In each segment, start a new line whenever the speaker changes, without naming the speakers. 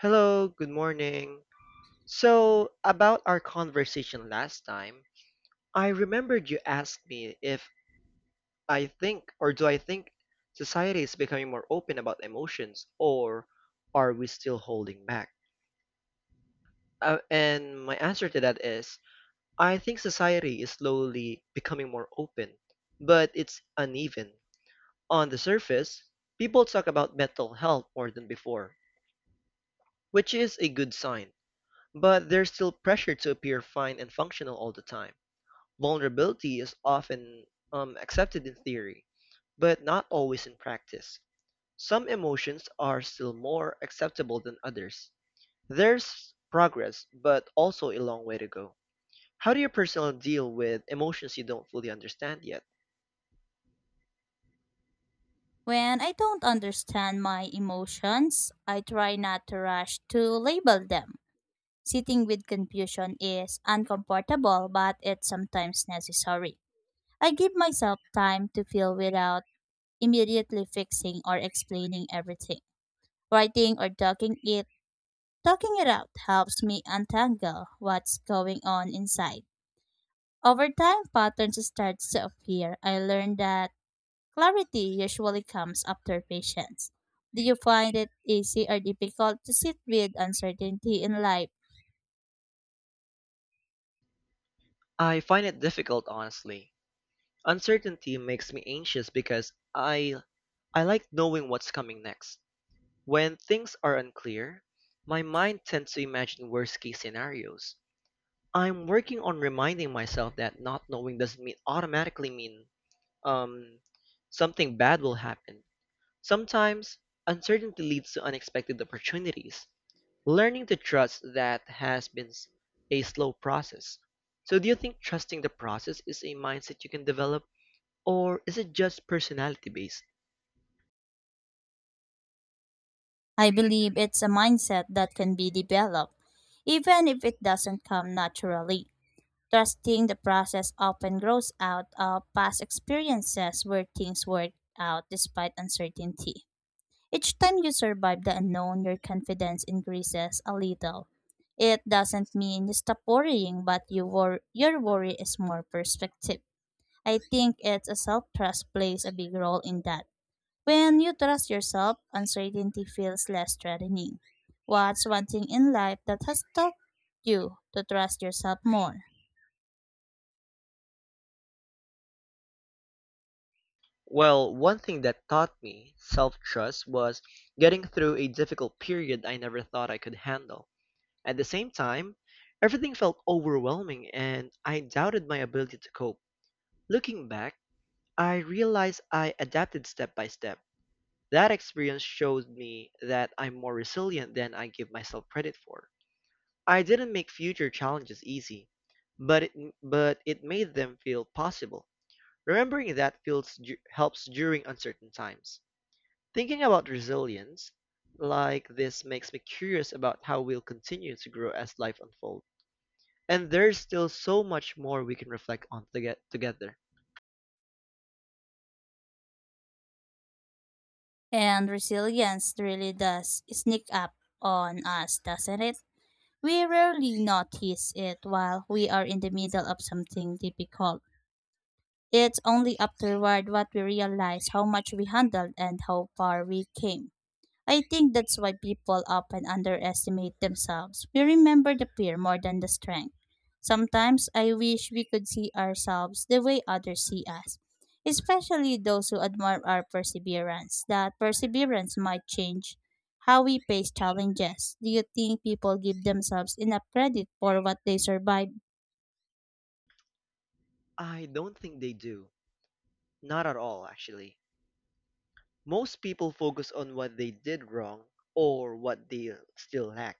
Hello, good morning. So, about our conversation last time, I remembered you asked me if I think society is becoming more open about emotions, or are we still holding back? And my answer to that is I think society is slowly becoming more open, but it's uneven. On the surface, people talk about mental health more than before, which is a good sign. But there's still pressure to appear fine and functional all the time. Vulnerability is often accepted in theory, but not always in practice. Some emotions are still more acceptable than others. There's progress, but also a long way to go. How do you personally deal with emotions you don't fully understand yet?
When I don't understand my emotions, I try not to rush to label them. Sitting with confusion is uncomfortable, but it's sometimes necessary. I give myself time to feel without immediately fixing or explaining everything. Writing or talking it out helps me untangle what's going on inside. Over time patterns start to appear. I learned that clarity usually comes after patience. Do you find it easy or difficult to sit with uncertainty in life?
I find it difficult, honestly. Uncertainty makes me anxious because I like knowing what's coming next. When things are unclear, my mind tends to imagine worst case scenarios. I'm working on reminding myself that not knowing doesn't mean automatically mean um, something bad will happen. Sometimes uncertainty leads to unexpected opportunities. Learning to trust that has a slow process. So, do you think trusting the process is a mindset you can develop, or is it just personality based?
I believe it's a mindset that can be developed, even if it doesn't come naturally. Trusting the process often grows out of past experiences where things work out despite uncertainty. Each time you survive the unknown, your confidence increases a little. It doesn't mean you stop worrying, but your worry is more perspective. I think it's a self trust plays a big role in that. When you trust yourself, uncertainty feels less threatening. What's one thing in life that has taught you to trust yourself more?
Well, one thing that taught me self-trust was getting through a difficult period I never thought I could handle. At the same time, everything felt overwhelming and I doubted my ability to cope. Looking back, I realized I adapted step by step. That experience showed me that I'm more resilient than I give myself credit for. I didn't make future challenges easy, but it, but it made them feel possible. Remembering that feels, helps during uncertain times. Thinking about resilience like this makes me curious about how we'll continue to grow as life unfolds. And there's still so much more we can reflect on together.
And resilience really does sneak up on us, doesn't it? We rarely notice it while we are in the middle of something difficult. It's only afterward what we realize how much we handled and how far we came. I think that's why people often underestimate themselves. We remember the fear more than the strength. Sometimes I wish we could see ourselves the way others see us, especially those who admire our perseverance. That perseverance might change how we face challenges. Do you think people give themselves enough credit for what they survive?
I don't think they do. Not at all, actually. Most people focus on what they did wrong or what they still lack.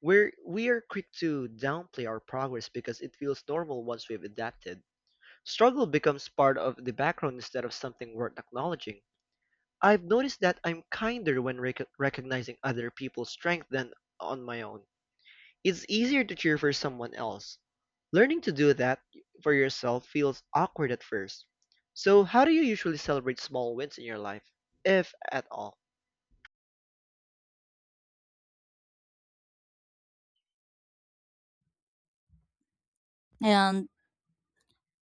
We are quick to downplay our progress because it feels normal once we've adapted. Struggle becomes part of the background instead of something worth acknowledging. I've noticed that I'm kinder when recognizing other people's strength than on my own. It's easier to cheer for someone else. Learning to do that for yourself feels awkward at first. So, how do you usually celebrate small wins in your life, if at all?
And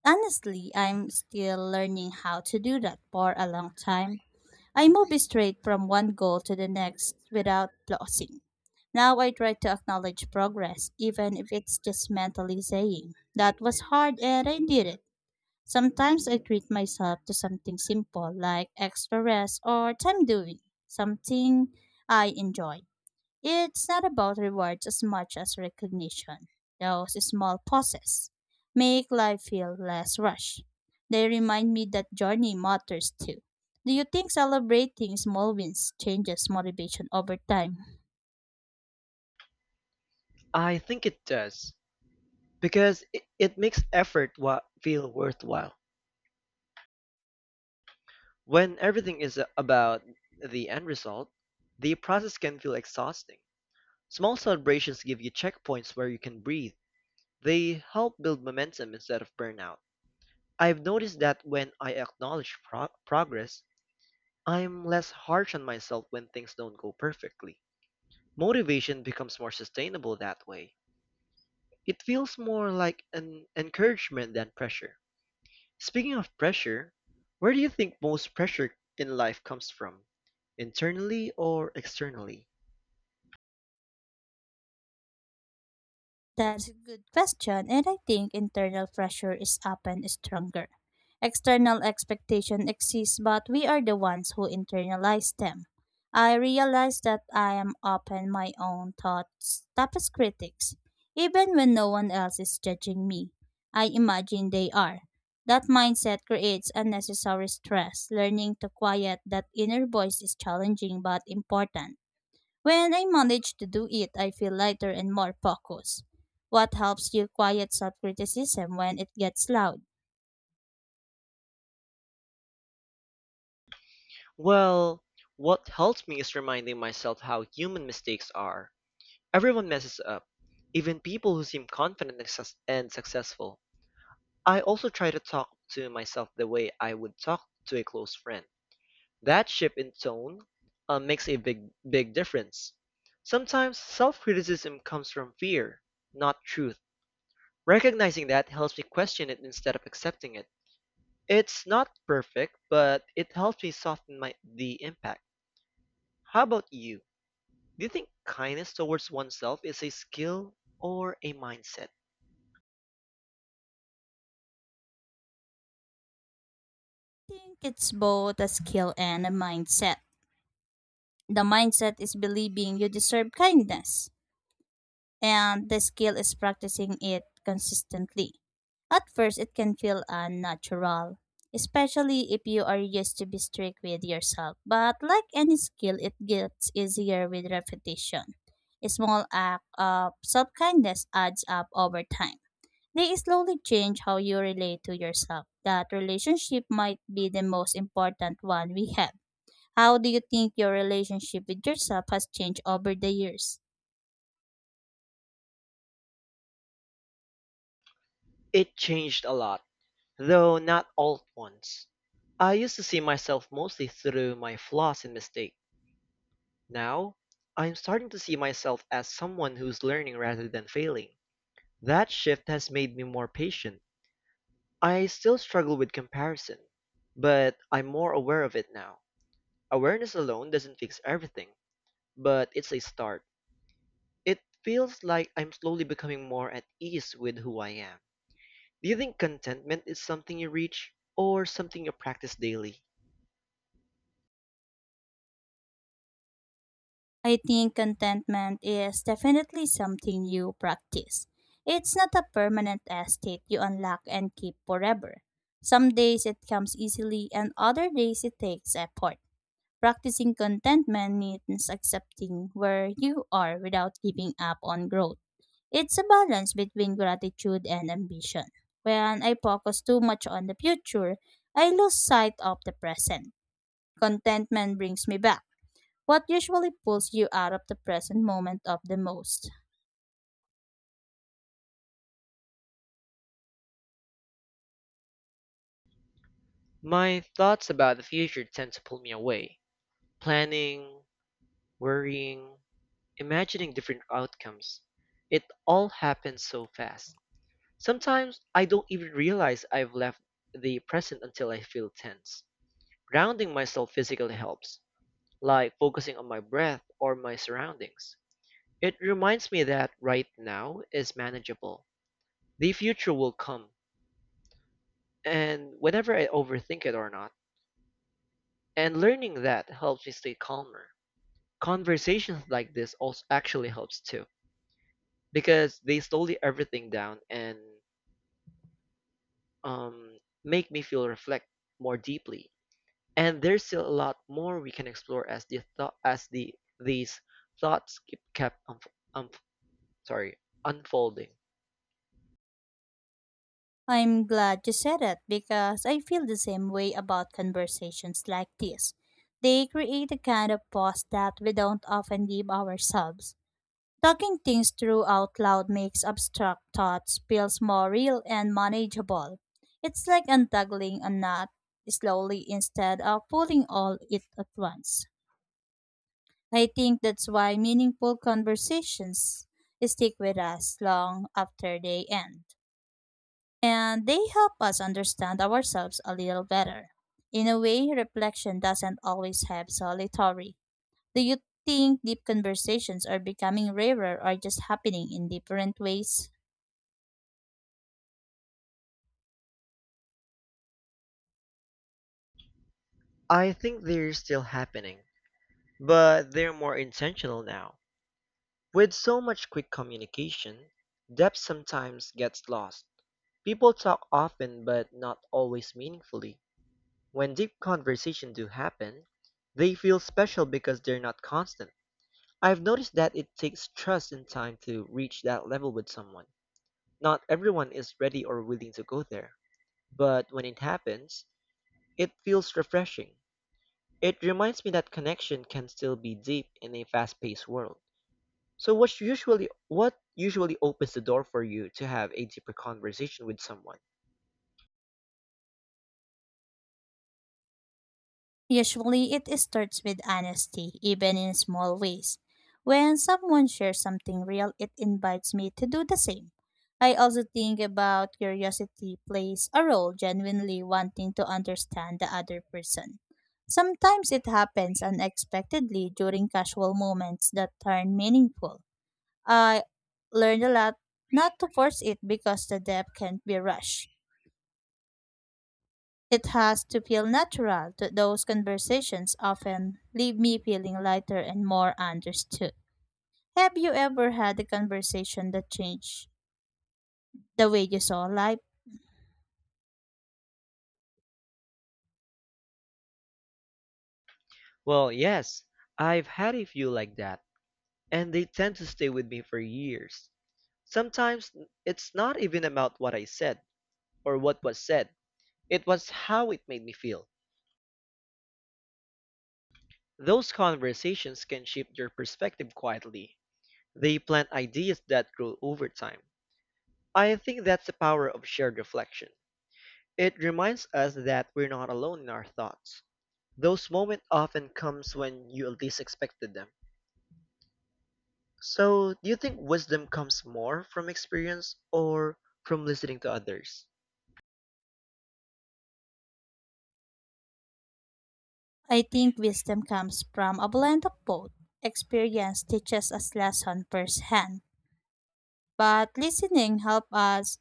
honestly, I'm still learning how to do that for a long time. I move straight from one goal to the next without pausing. Now I try to acknowledge progress, even if it's just mentally saying, that was hard and I did it. Sometimes I treat myself to something simple like extra rest or time doing something I enjoy. It's not about rewards as much as recognition. Those small pauses make life feel less rushed. They remind me that journey matters too. Do you think celebrating small wins changes motivation over time?
I think it does, because it makes feel worthwhile. When everything is about the end result, the process can feel exhausting. Small celebrations give you checkpoints where you can breathe. They help build momentum instead of burnout. I've noticed that when I acknowledge progress, I'm less harsh on myself when things don't go perfectly. Motivation becomes more sustainable that way. It feels more like an encouragement than pressure. Speaking of pressure, where do you think most pressure in life comes from? Internally or externally?
That's a good question, and I think internal pressure is often stronger. External expectation exists, but we are the ones who internalize them. I realize that I am often my own thoughts' toughest critics, even when no one else is judging me. I imagine they are. That mindset creates unnecessary stress. Learning to quiet that inner voice is challenging but important. When I manage to do it, I feel lighter and more focused. What helps you quiet self criticism when it gets loud?
Well, what helps me is reminding myself how human mistakes are. Everyone messes up, even people who seem confident and successful. I also try to talk to myself the way I would talk to a close friend. That shift in tone makes a big difference. Sometimes self criticism comes from fear, not truth. Recognizing that helps me question it instead of accepting it. It's not perfect, but it helps me soften the impact. How about you? Do you think kindness towards oneself is a skill or a mindset?
I think it's both a skill and a mindset. The mindset is believing you deserve kindness, and the skill is practicing it consistently. At first, it can feel unnatural, especially if you are used to be strict with yourself. But like any skill, it gets easier with repetition. A small act of self kindness adds up over time. They slowly change how you relate to yourself. That relationship might be the most important one we have. How do you think your relationship with yourself has changed over the years?
It changed a lot, though not all at once. I used to see myself mostly through my flaws and mistakes. Now, I'm starting to see myself as someone who's learning rather than failing. That shift has made me more patient. I still struggle with comparison, but I'm more aware of it now. Awareness alone doesn't fix everything, but it's a start. It feels like I'm slowly becoming more at ease with who I am. Do you think contentment is something you reach or something you practice daily?
I think contentment is definitely something you practice. It's not a permanent estate you unlock and keep forever. Some days it comes easily, and other days it takes effort. Practicing contentment means accepting where you are without giving up on growth. It's a balance between gratitude and ambition. When I focus too much on the future, I lose sight of the present. Contentment brings me back. What usually pulls you out of the present moment up the most?
My thoughts about the future tend to pull me away. Planning, worrying, imagining different outcomes. It all happens so fast. Sometimes I don't even realize I've left the present until I feel tense. Grounding myself physically helps, like focusing on my breath or my surroundings. It reminds me that right now is manageable. The future will come and whenever I overthink it or not. And learning that helps me stay calmer. Conversations like this also actually helps too, because they slow everything down and um, make me feel reflect more deeply. And there's still a lot more we can explore as these thoughts keep kept unf- sorry unfolding.
I'm glad you said it because I feel the same way about conversations like this. They create a kind of pause that we don't often give ourselves. Talking things through out loud makes abstract thoughts feel more real and manageable. It's like untangling a knot slowly instead of pulling all it at once. I think that's why meaningful conversations stick with us long after they end. And they help us understand ourselves a little better. In a way, reflection doesn't always have solitary. Do you think deep conversations are becoming rarer or just happening in different ways?
I think they're still happening, but they're more intentional now. With so much quick communication, depth sometimes gets lost. People talk often but not always meaningfully. When deep conversations do happen, they feel special because they're not constant. I've noticed that it takes trust and time to reach that level with someone. Not everyone is ready or willing to go there, but when it happens, it feels refreshing. It reminds me that connection can still be deep in a fast-paced world. So what usually opens the door for you to have a deeper conversation with someone?
Usually, it starts with honesty, even in small ways. When someone shares something real, it invites me to do the same. I also think about curiosity plays a role, genuinely wanting to understand the other person. Sometimes it happens unexpectedly during casual moments that turn meaningful. I learned a lot not to force it because the depth can't be rushed. It has to feel natural. Those conversations often leave me feeling lighter and more understood. Have you ever had a conversation that changed the way you saw life?
Well, yes, I've had a few like that, and they tend to stay with me for years. Sometimes it's not even about what I said or what was said, it was how it made me feel. Those conversations can shape your perspective quietly. They plant ideas that grow over time. I think that's the power of shared reflection. It reminds us that we're not alone in our thoughts. Those moments often comes when you least expected them. So, do you think wisdom comes more from experience or from listening to others?
I think wisdom comes from a blend of both. Experience teaches us lesson firsthand, but listening helps us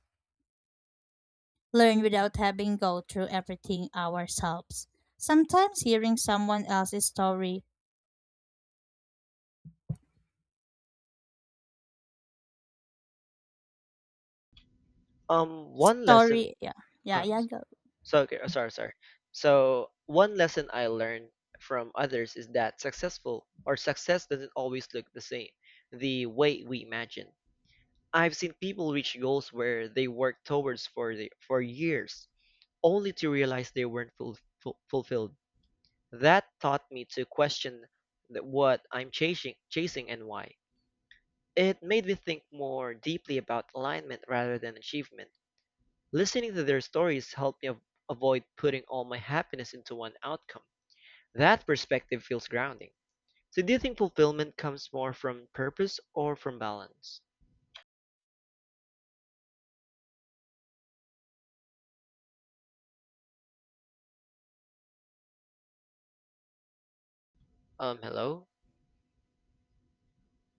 learn without having go through everything ourselves. Sometimes hearing someone else's story,
One lesson.
story, yeah, yeah,
Uh,
yeah, go.
so okay, sorry, sorry. So one lesson I learned from others is that success doesn't always look the same, the way we imagine. I've seen people reach goals where they worked towards for the for years, only to realize they weren't fulfilled. That taught me to question what I'm chasing and why. It made me think more deeply about alignment rather than achievement. Listening to their stories helped me avoid putting all my happiness into one outcome. That perspective feels grounding. So, do you think fulfillment comes more from purpose or from balance? Hello?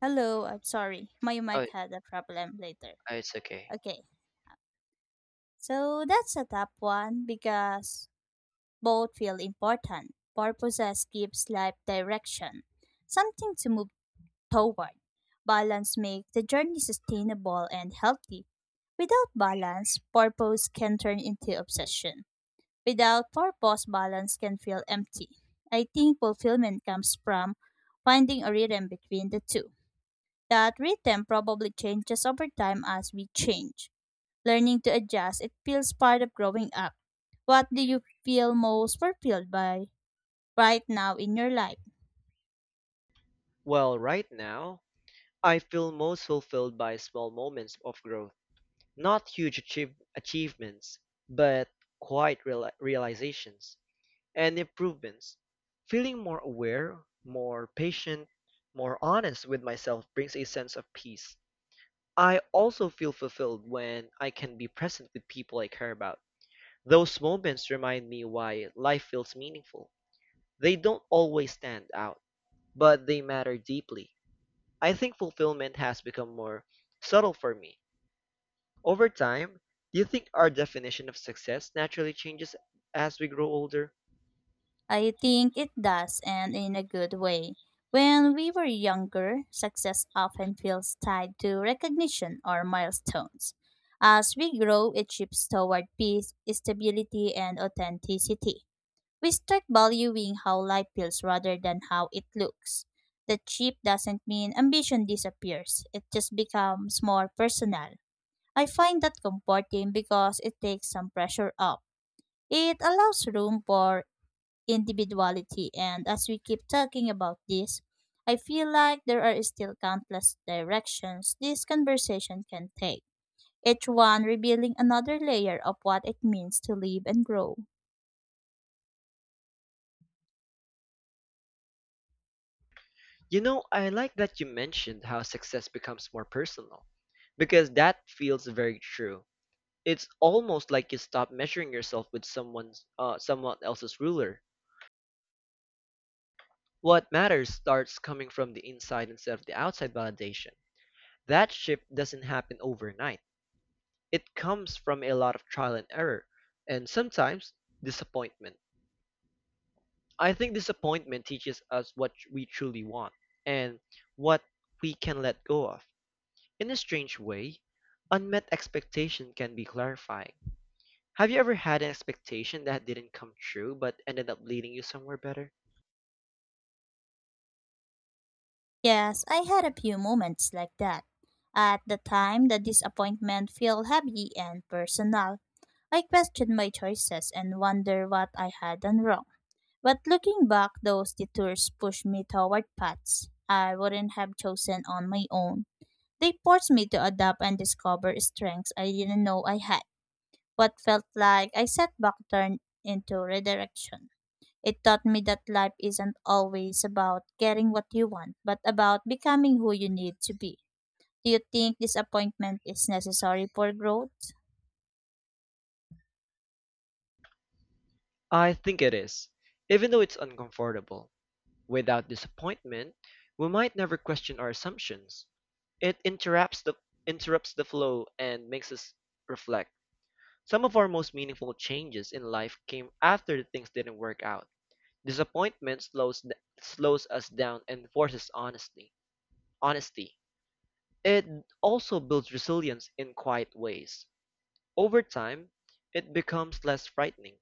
Hello, I'm sorry. My
Oh,
mic
it-
had a problem later.
it's okay.
Okay, so that's a top one because both feel important. Purposes gives life direction, something to move toward. Balance makes the journey sustainable and healthy. Without balance, purpose can turn into obsession. Without purpose, balance can feel empty. I think fulfillment comes from finding a rhythm between the two. That rhythm probably changes over time as we change. Learning to adjust, it feels part of growing up. What do you feel most fulfilled by right now in your life?
Well, right now, I feel most fulfilled by small moments of growth. Not huge achievements, but quiet realizations and improvements. Feeling more aware, more patient, more honest with myself brings a sense of peace. I also feel fulfilled when I can be present with people I care about. Those moments remind me why life feels meaningful. They don't always stand out, but they matter deeply. I think fulfillment has become more subtle for me. Over time, do you think our definition of success naturally changes as we grow older?
I think it does, and in a good way. When we were younger, success often feels tied to recognition or milestones. As we grow, it shifts toward peace, stability, and authenticity. We start valuing how life feels rather than how it looks. The cheap doesn't mean ambition disappears, it just becomes more personal. I find that comforting because it takes some pressure off. It allows room for individuality, and as we keep talking about this, I feel like there are still countless directions this conversation can take, each one revealing another layer of what it means to live and grow.
You know, I like that you mentioned how success becomes more personal, because that feels very true. It's almost like you stop measuring yourself with someone else's ruler. What matters starts coming from the inside instead of the outside validation. That shift doesn't happen overnight. It comes from a lot of trial and error, and sometimes disappointment. I think disappointment teaches us what we truly want and what we can let go of. In a strange way, unmet expectation can be clarifying. Have you ever had an expectation that didn't come true but ended up leading you somewhere better?
Yes, I had a few moments like that. At the time, the disappointment felt heavy and personal. I questioned my choices and wondered what I had done wrong. But looking back, those detours pushed me toward paths I wouldn't have chosen on my own. They forced me to adapt and discover strengths I didn't know I had. What felt like a setback turned into redirection. It taught me that life isn't always about getting what you want, but about becoming who you need to be. Do you think disappointment is necessary for growth?
I think it is, even though it's uncomfortable. Without disappointment, we might never question our assumptions. It interrupts the flow and makes us reflect. Some of our most meaningful changes in life came after things didn't work out. Disappointment slows us down and forces honesty. Honesty. It also builds resilience in quiet ways. Over time, it becomes less frightening.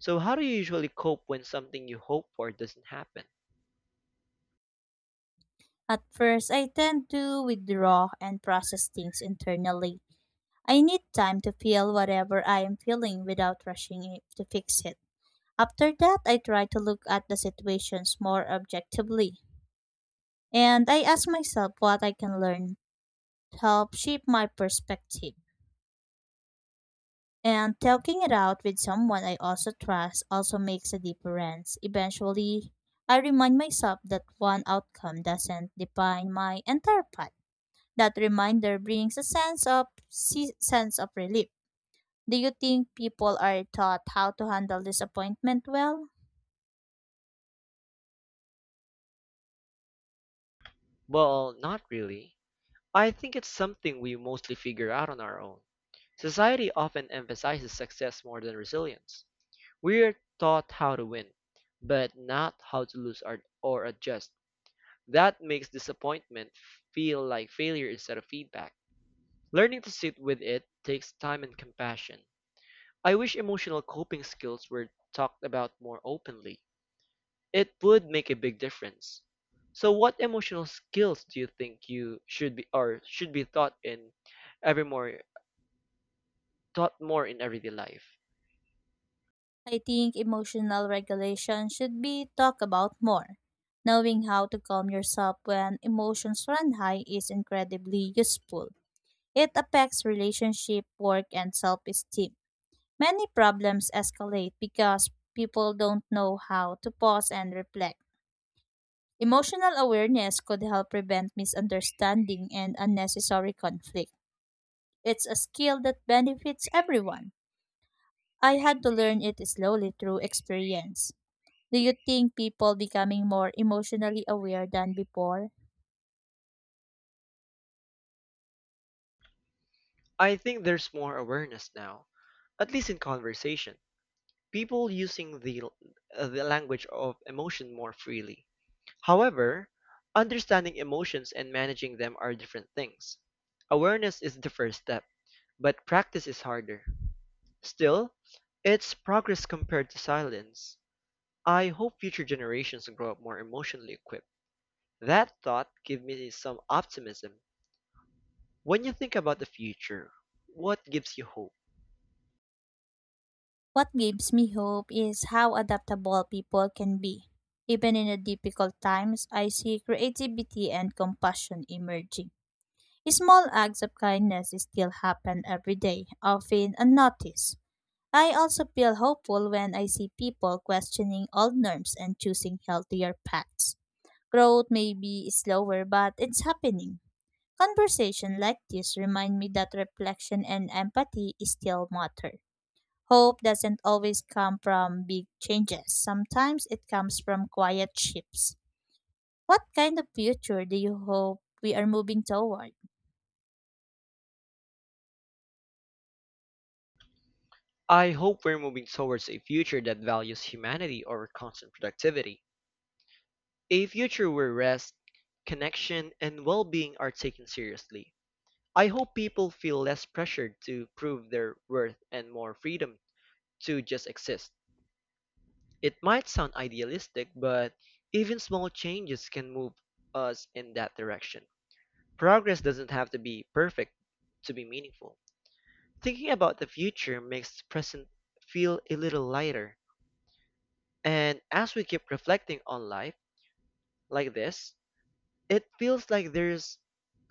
So how do you usually cope when something you hope for doesn't happen?
At first, I tend to withdraw and process things internally. I need time to feel whatever I am feeling without rushing it to fix it. After that, I try to look at the situations more objectively, and I ask myself what I can learn to help shape my perspective. And talking it out with someone I also trust also makes a difference. Eventually, I remind myself that one outcome doesn't define my entire path. That reminder brings a sense of relief. Do you think people are taught how to handle disappointment well?
Well, not really. I think it's something we mostly figure out on our own. Society often emphasizes success more than resilience. We're taught how to win, but not how to lose or adjust. That makes disappointment feel like failure instead of feedback. Learning to sit with it takes time and compassion. I wish emotional coping skills were talked about more openly. It would make a big difference. So what emotional skills do you think you should be or should be every more taught more in everyday life?
I think emotional regulation should be talked about more. Knowing how to calm yourself when emotions run high is incredibly useful. It affects relationship, work, and self esteem. Many problems escalate because people don't know how to pause and reflect. Emotional awareness could help prevent misunderstanding and unnecessary conflict. It's a skill that benefits everyone. I had to learn it slowly through experience. Do you think people becoming more emotionally aware than before?
I think there's more awareness now, at least in conversation. People using the language of emotion more freely. However, understanding emotions and managing them are different things. Awareness is the first step, but practice is harder. Still, it's progress compared to silence. I hope future generations grow up more emotionally equipped. That thought gives me some optimism. When you think about the future, what gives you hope?
What gives me hope is how adaptable people can be. Even in the difficult times, I see creativity and compassion emerging. Small acts of kindness still happen every day, often unnoticed. I also feel hopeful when I see people questioning old norms and choosing healthier paths. Growth may be slower, but it's happening. Conversation like this remind me that reflection and empathy still matter. Hope doesn't always come from big changes. Sometimes it comes from quiet shifts. What kind of future do you hope we are moving toward?
I hope we're moving towards a future that values humanity over constant productivity. A future where rest, connection, and well being are taken seriously. I hope people feel less pressured to prove their worth and more freedom to just exist. It might sound idealistic, but even small changes can move us in that direction. Progress doesn't have to be perfect to be meaningful. Thinking about the future makes the present feel a little lighter. And as we keep reflecting on life like this, it feels like there's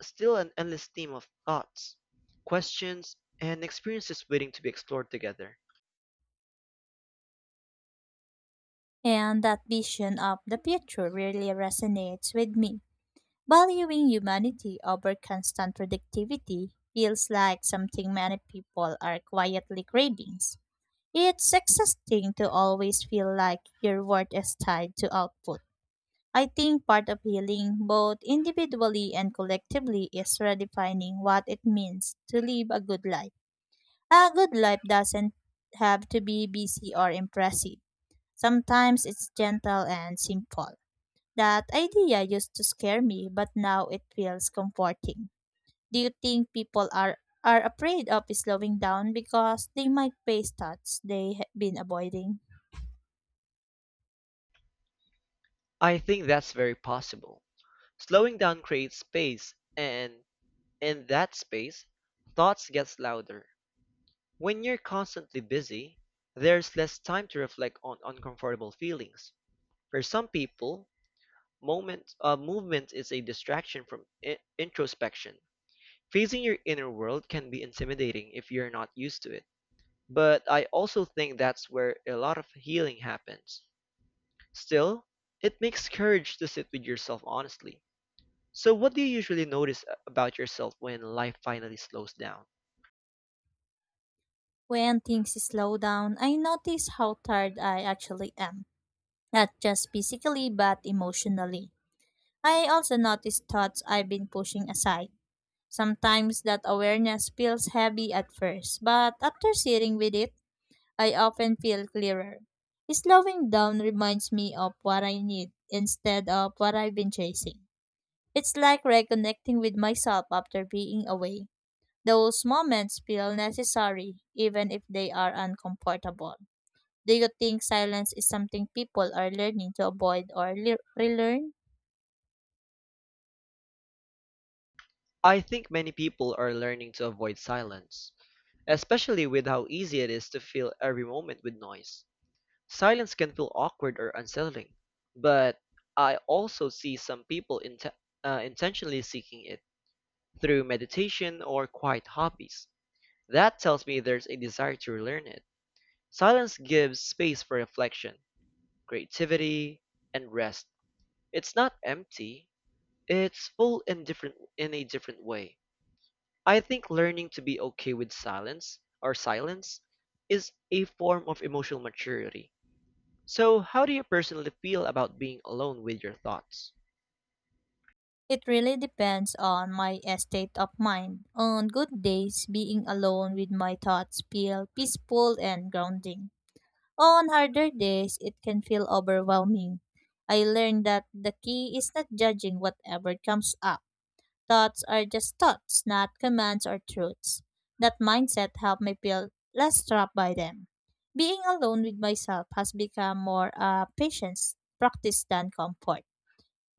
still an endless stream of thoughts, questions, and experiences waiting to be explored together.
And that vision of the future really resonates with me. Valuing humanity over constant productivity feels like something many people are quietly craving. It's exhausting to always feel like your worth is tied to output. I think part of healing, both individually and collectively, is redefining what it means to live a good life. A good life doesn't have to be busy or impressive. Sometimes it's gentle and simple. That idea used to scare me, but now it feels comforting. Do you think are afraid of slowing down because they might face thoughts they have been avoiding?
I think that's very possible. Slowing down creates space, and in that space, thoughts gets louder. When you're constantly busy, there's less time to reflect on uncomfortable feelings. For some people, moment movement is a distraction from introspection. Facing your inner world can be intimidating if you're not used to it. But I also think that's where a lot of healing happens. Still, it makes courage to sit with yourself honestly. So, what do you usually notice about yourself when life finally slows down?
When things slow down, I notice how tired I actually am, not just physically but emotionally. I also notice thoughts I've been pushing aside. Sometimes that awareness feels heavy at first, but after sitting with it, I often feel clearer. Slowing down reminds me of what I need instead of what I've been chasing. It's like reconnecting with myself after being away. Those moments feel necessary, even if they are uncomfortable. Do you think silence is something people are learning to avoid or relearn?
I think many people are learning to avoid silence, especially with how easy it is to fill every moment with noise. Silence can feel awkward or unsettling, but I also see some people intentionally seeking it through meditation or quiet hobbies. That tells me there's a desire to relearn it. Silence gives space for reflection, creativity, and rest. It's not empty, it's full and different in a different way. I think learning to be okay with silence or silence is a form of emotional maturity. So, how do you personally feel about being alone with your thoughts?
It really depends on my state of mind. On good days, being alone with my thoughts feel peaceful and grounding. On harder days, it can feel overwhelming. I learned that the key is not judging whatever comes up. Thoughts are just thoughts, not commands or truths. That mindset helped me feel less trapped by them. Being alone with myself has become more a patience practice than comfort.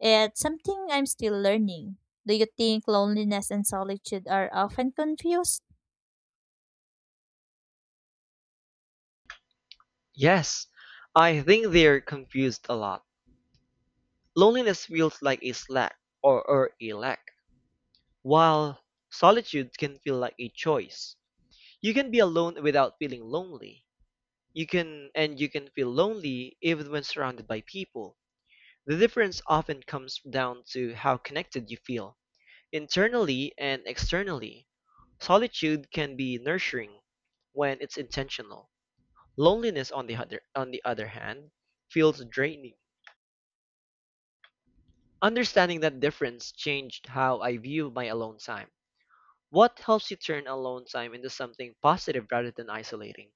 It's something I'm still learning. Do you think loneliness and solitude are often confused?
Yes, I think they're confused a lot. Loneliness feels like a slack or a lack. While solitude can feel like a choice, you can be alone without feeling lonely. You can feel lonely even when surrounded by people. The difference often comes down to how connected you feel, internally and externally. Solitude can be nurturing when it's intentional. Loneliness, on the other hand, feels draining. Understanding that difference changed how I view my alone time. What helps you turn alone time into something positive rather than isolating?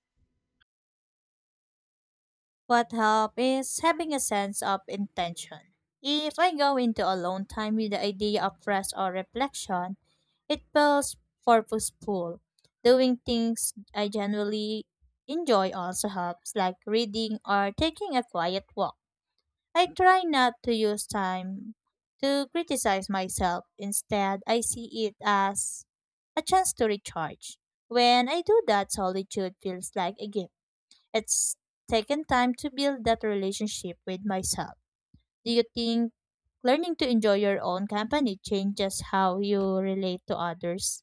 What help is having a sense of intention. If I go into alone time with the idea of rest or reflection, it feels purposeful. Doing things I generally enjoy also helps, like reading or taking a quiet walk. I try not to use time to criticize myself. Instead, I see it as a chance to recharge. When I do that, solitude feels like a gift. It's taken time to build that relationship with myself. Do you think learning to enjoy your own company changes how you relate to others?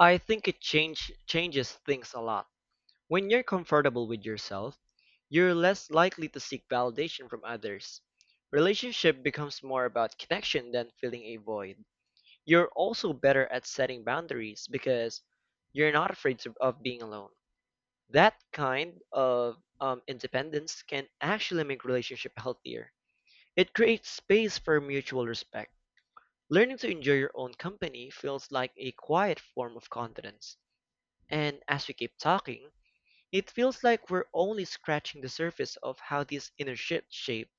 I think changes things a lot. When you're comfortable with yourself, you're less likely to seek validation from others. Relationship becomes more about connection than filling a void. You're also better at setting boundaries because you're not afraid to, of being alone. That kind of independence can actually make relationship healthier. It creates space for mutual respect. Learning to enjoy your own company feels like a quiet form of confidence. And as we keep talking, it feels like we're only scratching the surface of how these inner shift shape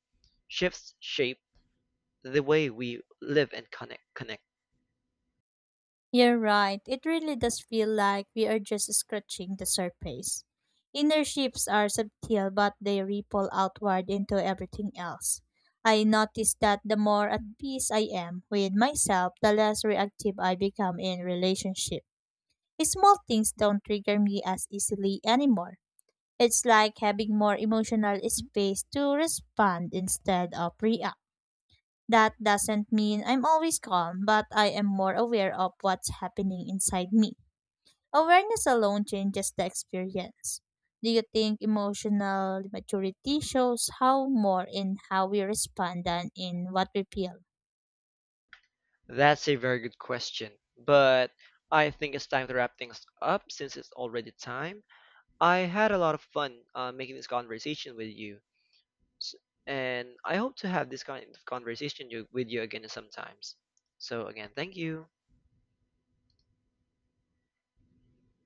shifts shape the way we live and connect.
You're right. It really does feel like we are just scratching the surface. Inner shifts are subtle, but they ripple outward into everything else. I notice that the more at peace I am with myself, the less reactive I become in relationship. Small things don't trigger me as easily anymore. It's like having more emotional space to respond instead of react. That doesn't mean I'm always calm, but I am more aware of what's happening inside me. Awareness alone changes the experience. Do you think emotional maturity shows how more in how we respond than in what we feel?
That's a very good question, but I think it's time to wrap things up since it's already time. I had a lot of fun making this conversation with you, S- and I hope to have this kind of with you again sometimes. So again, thank you.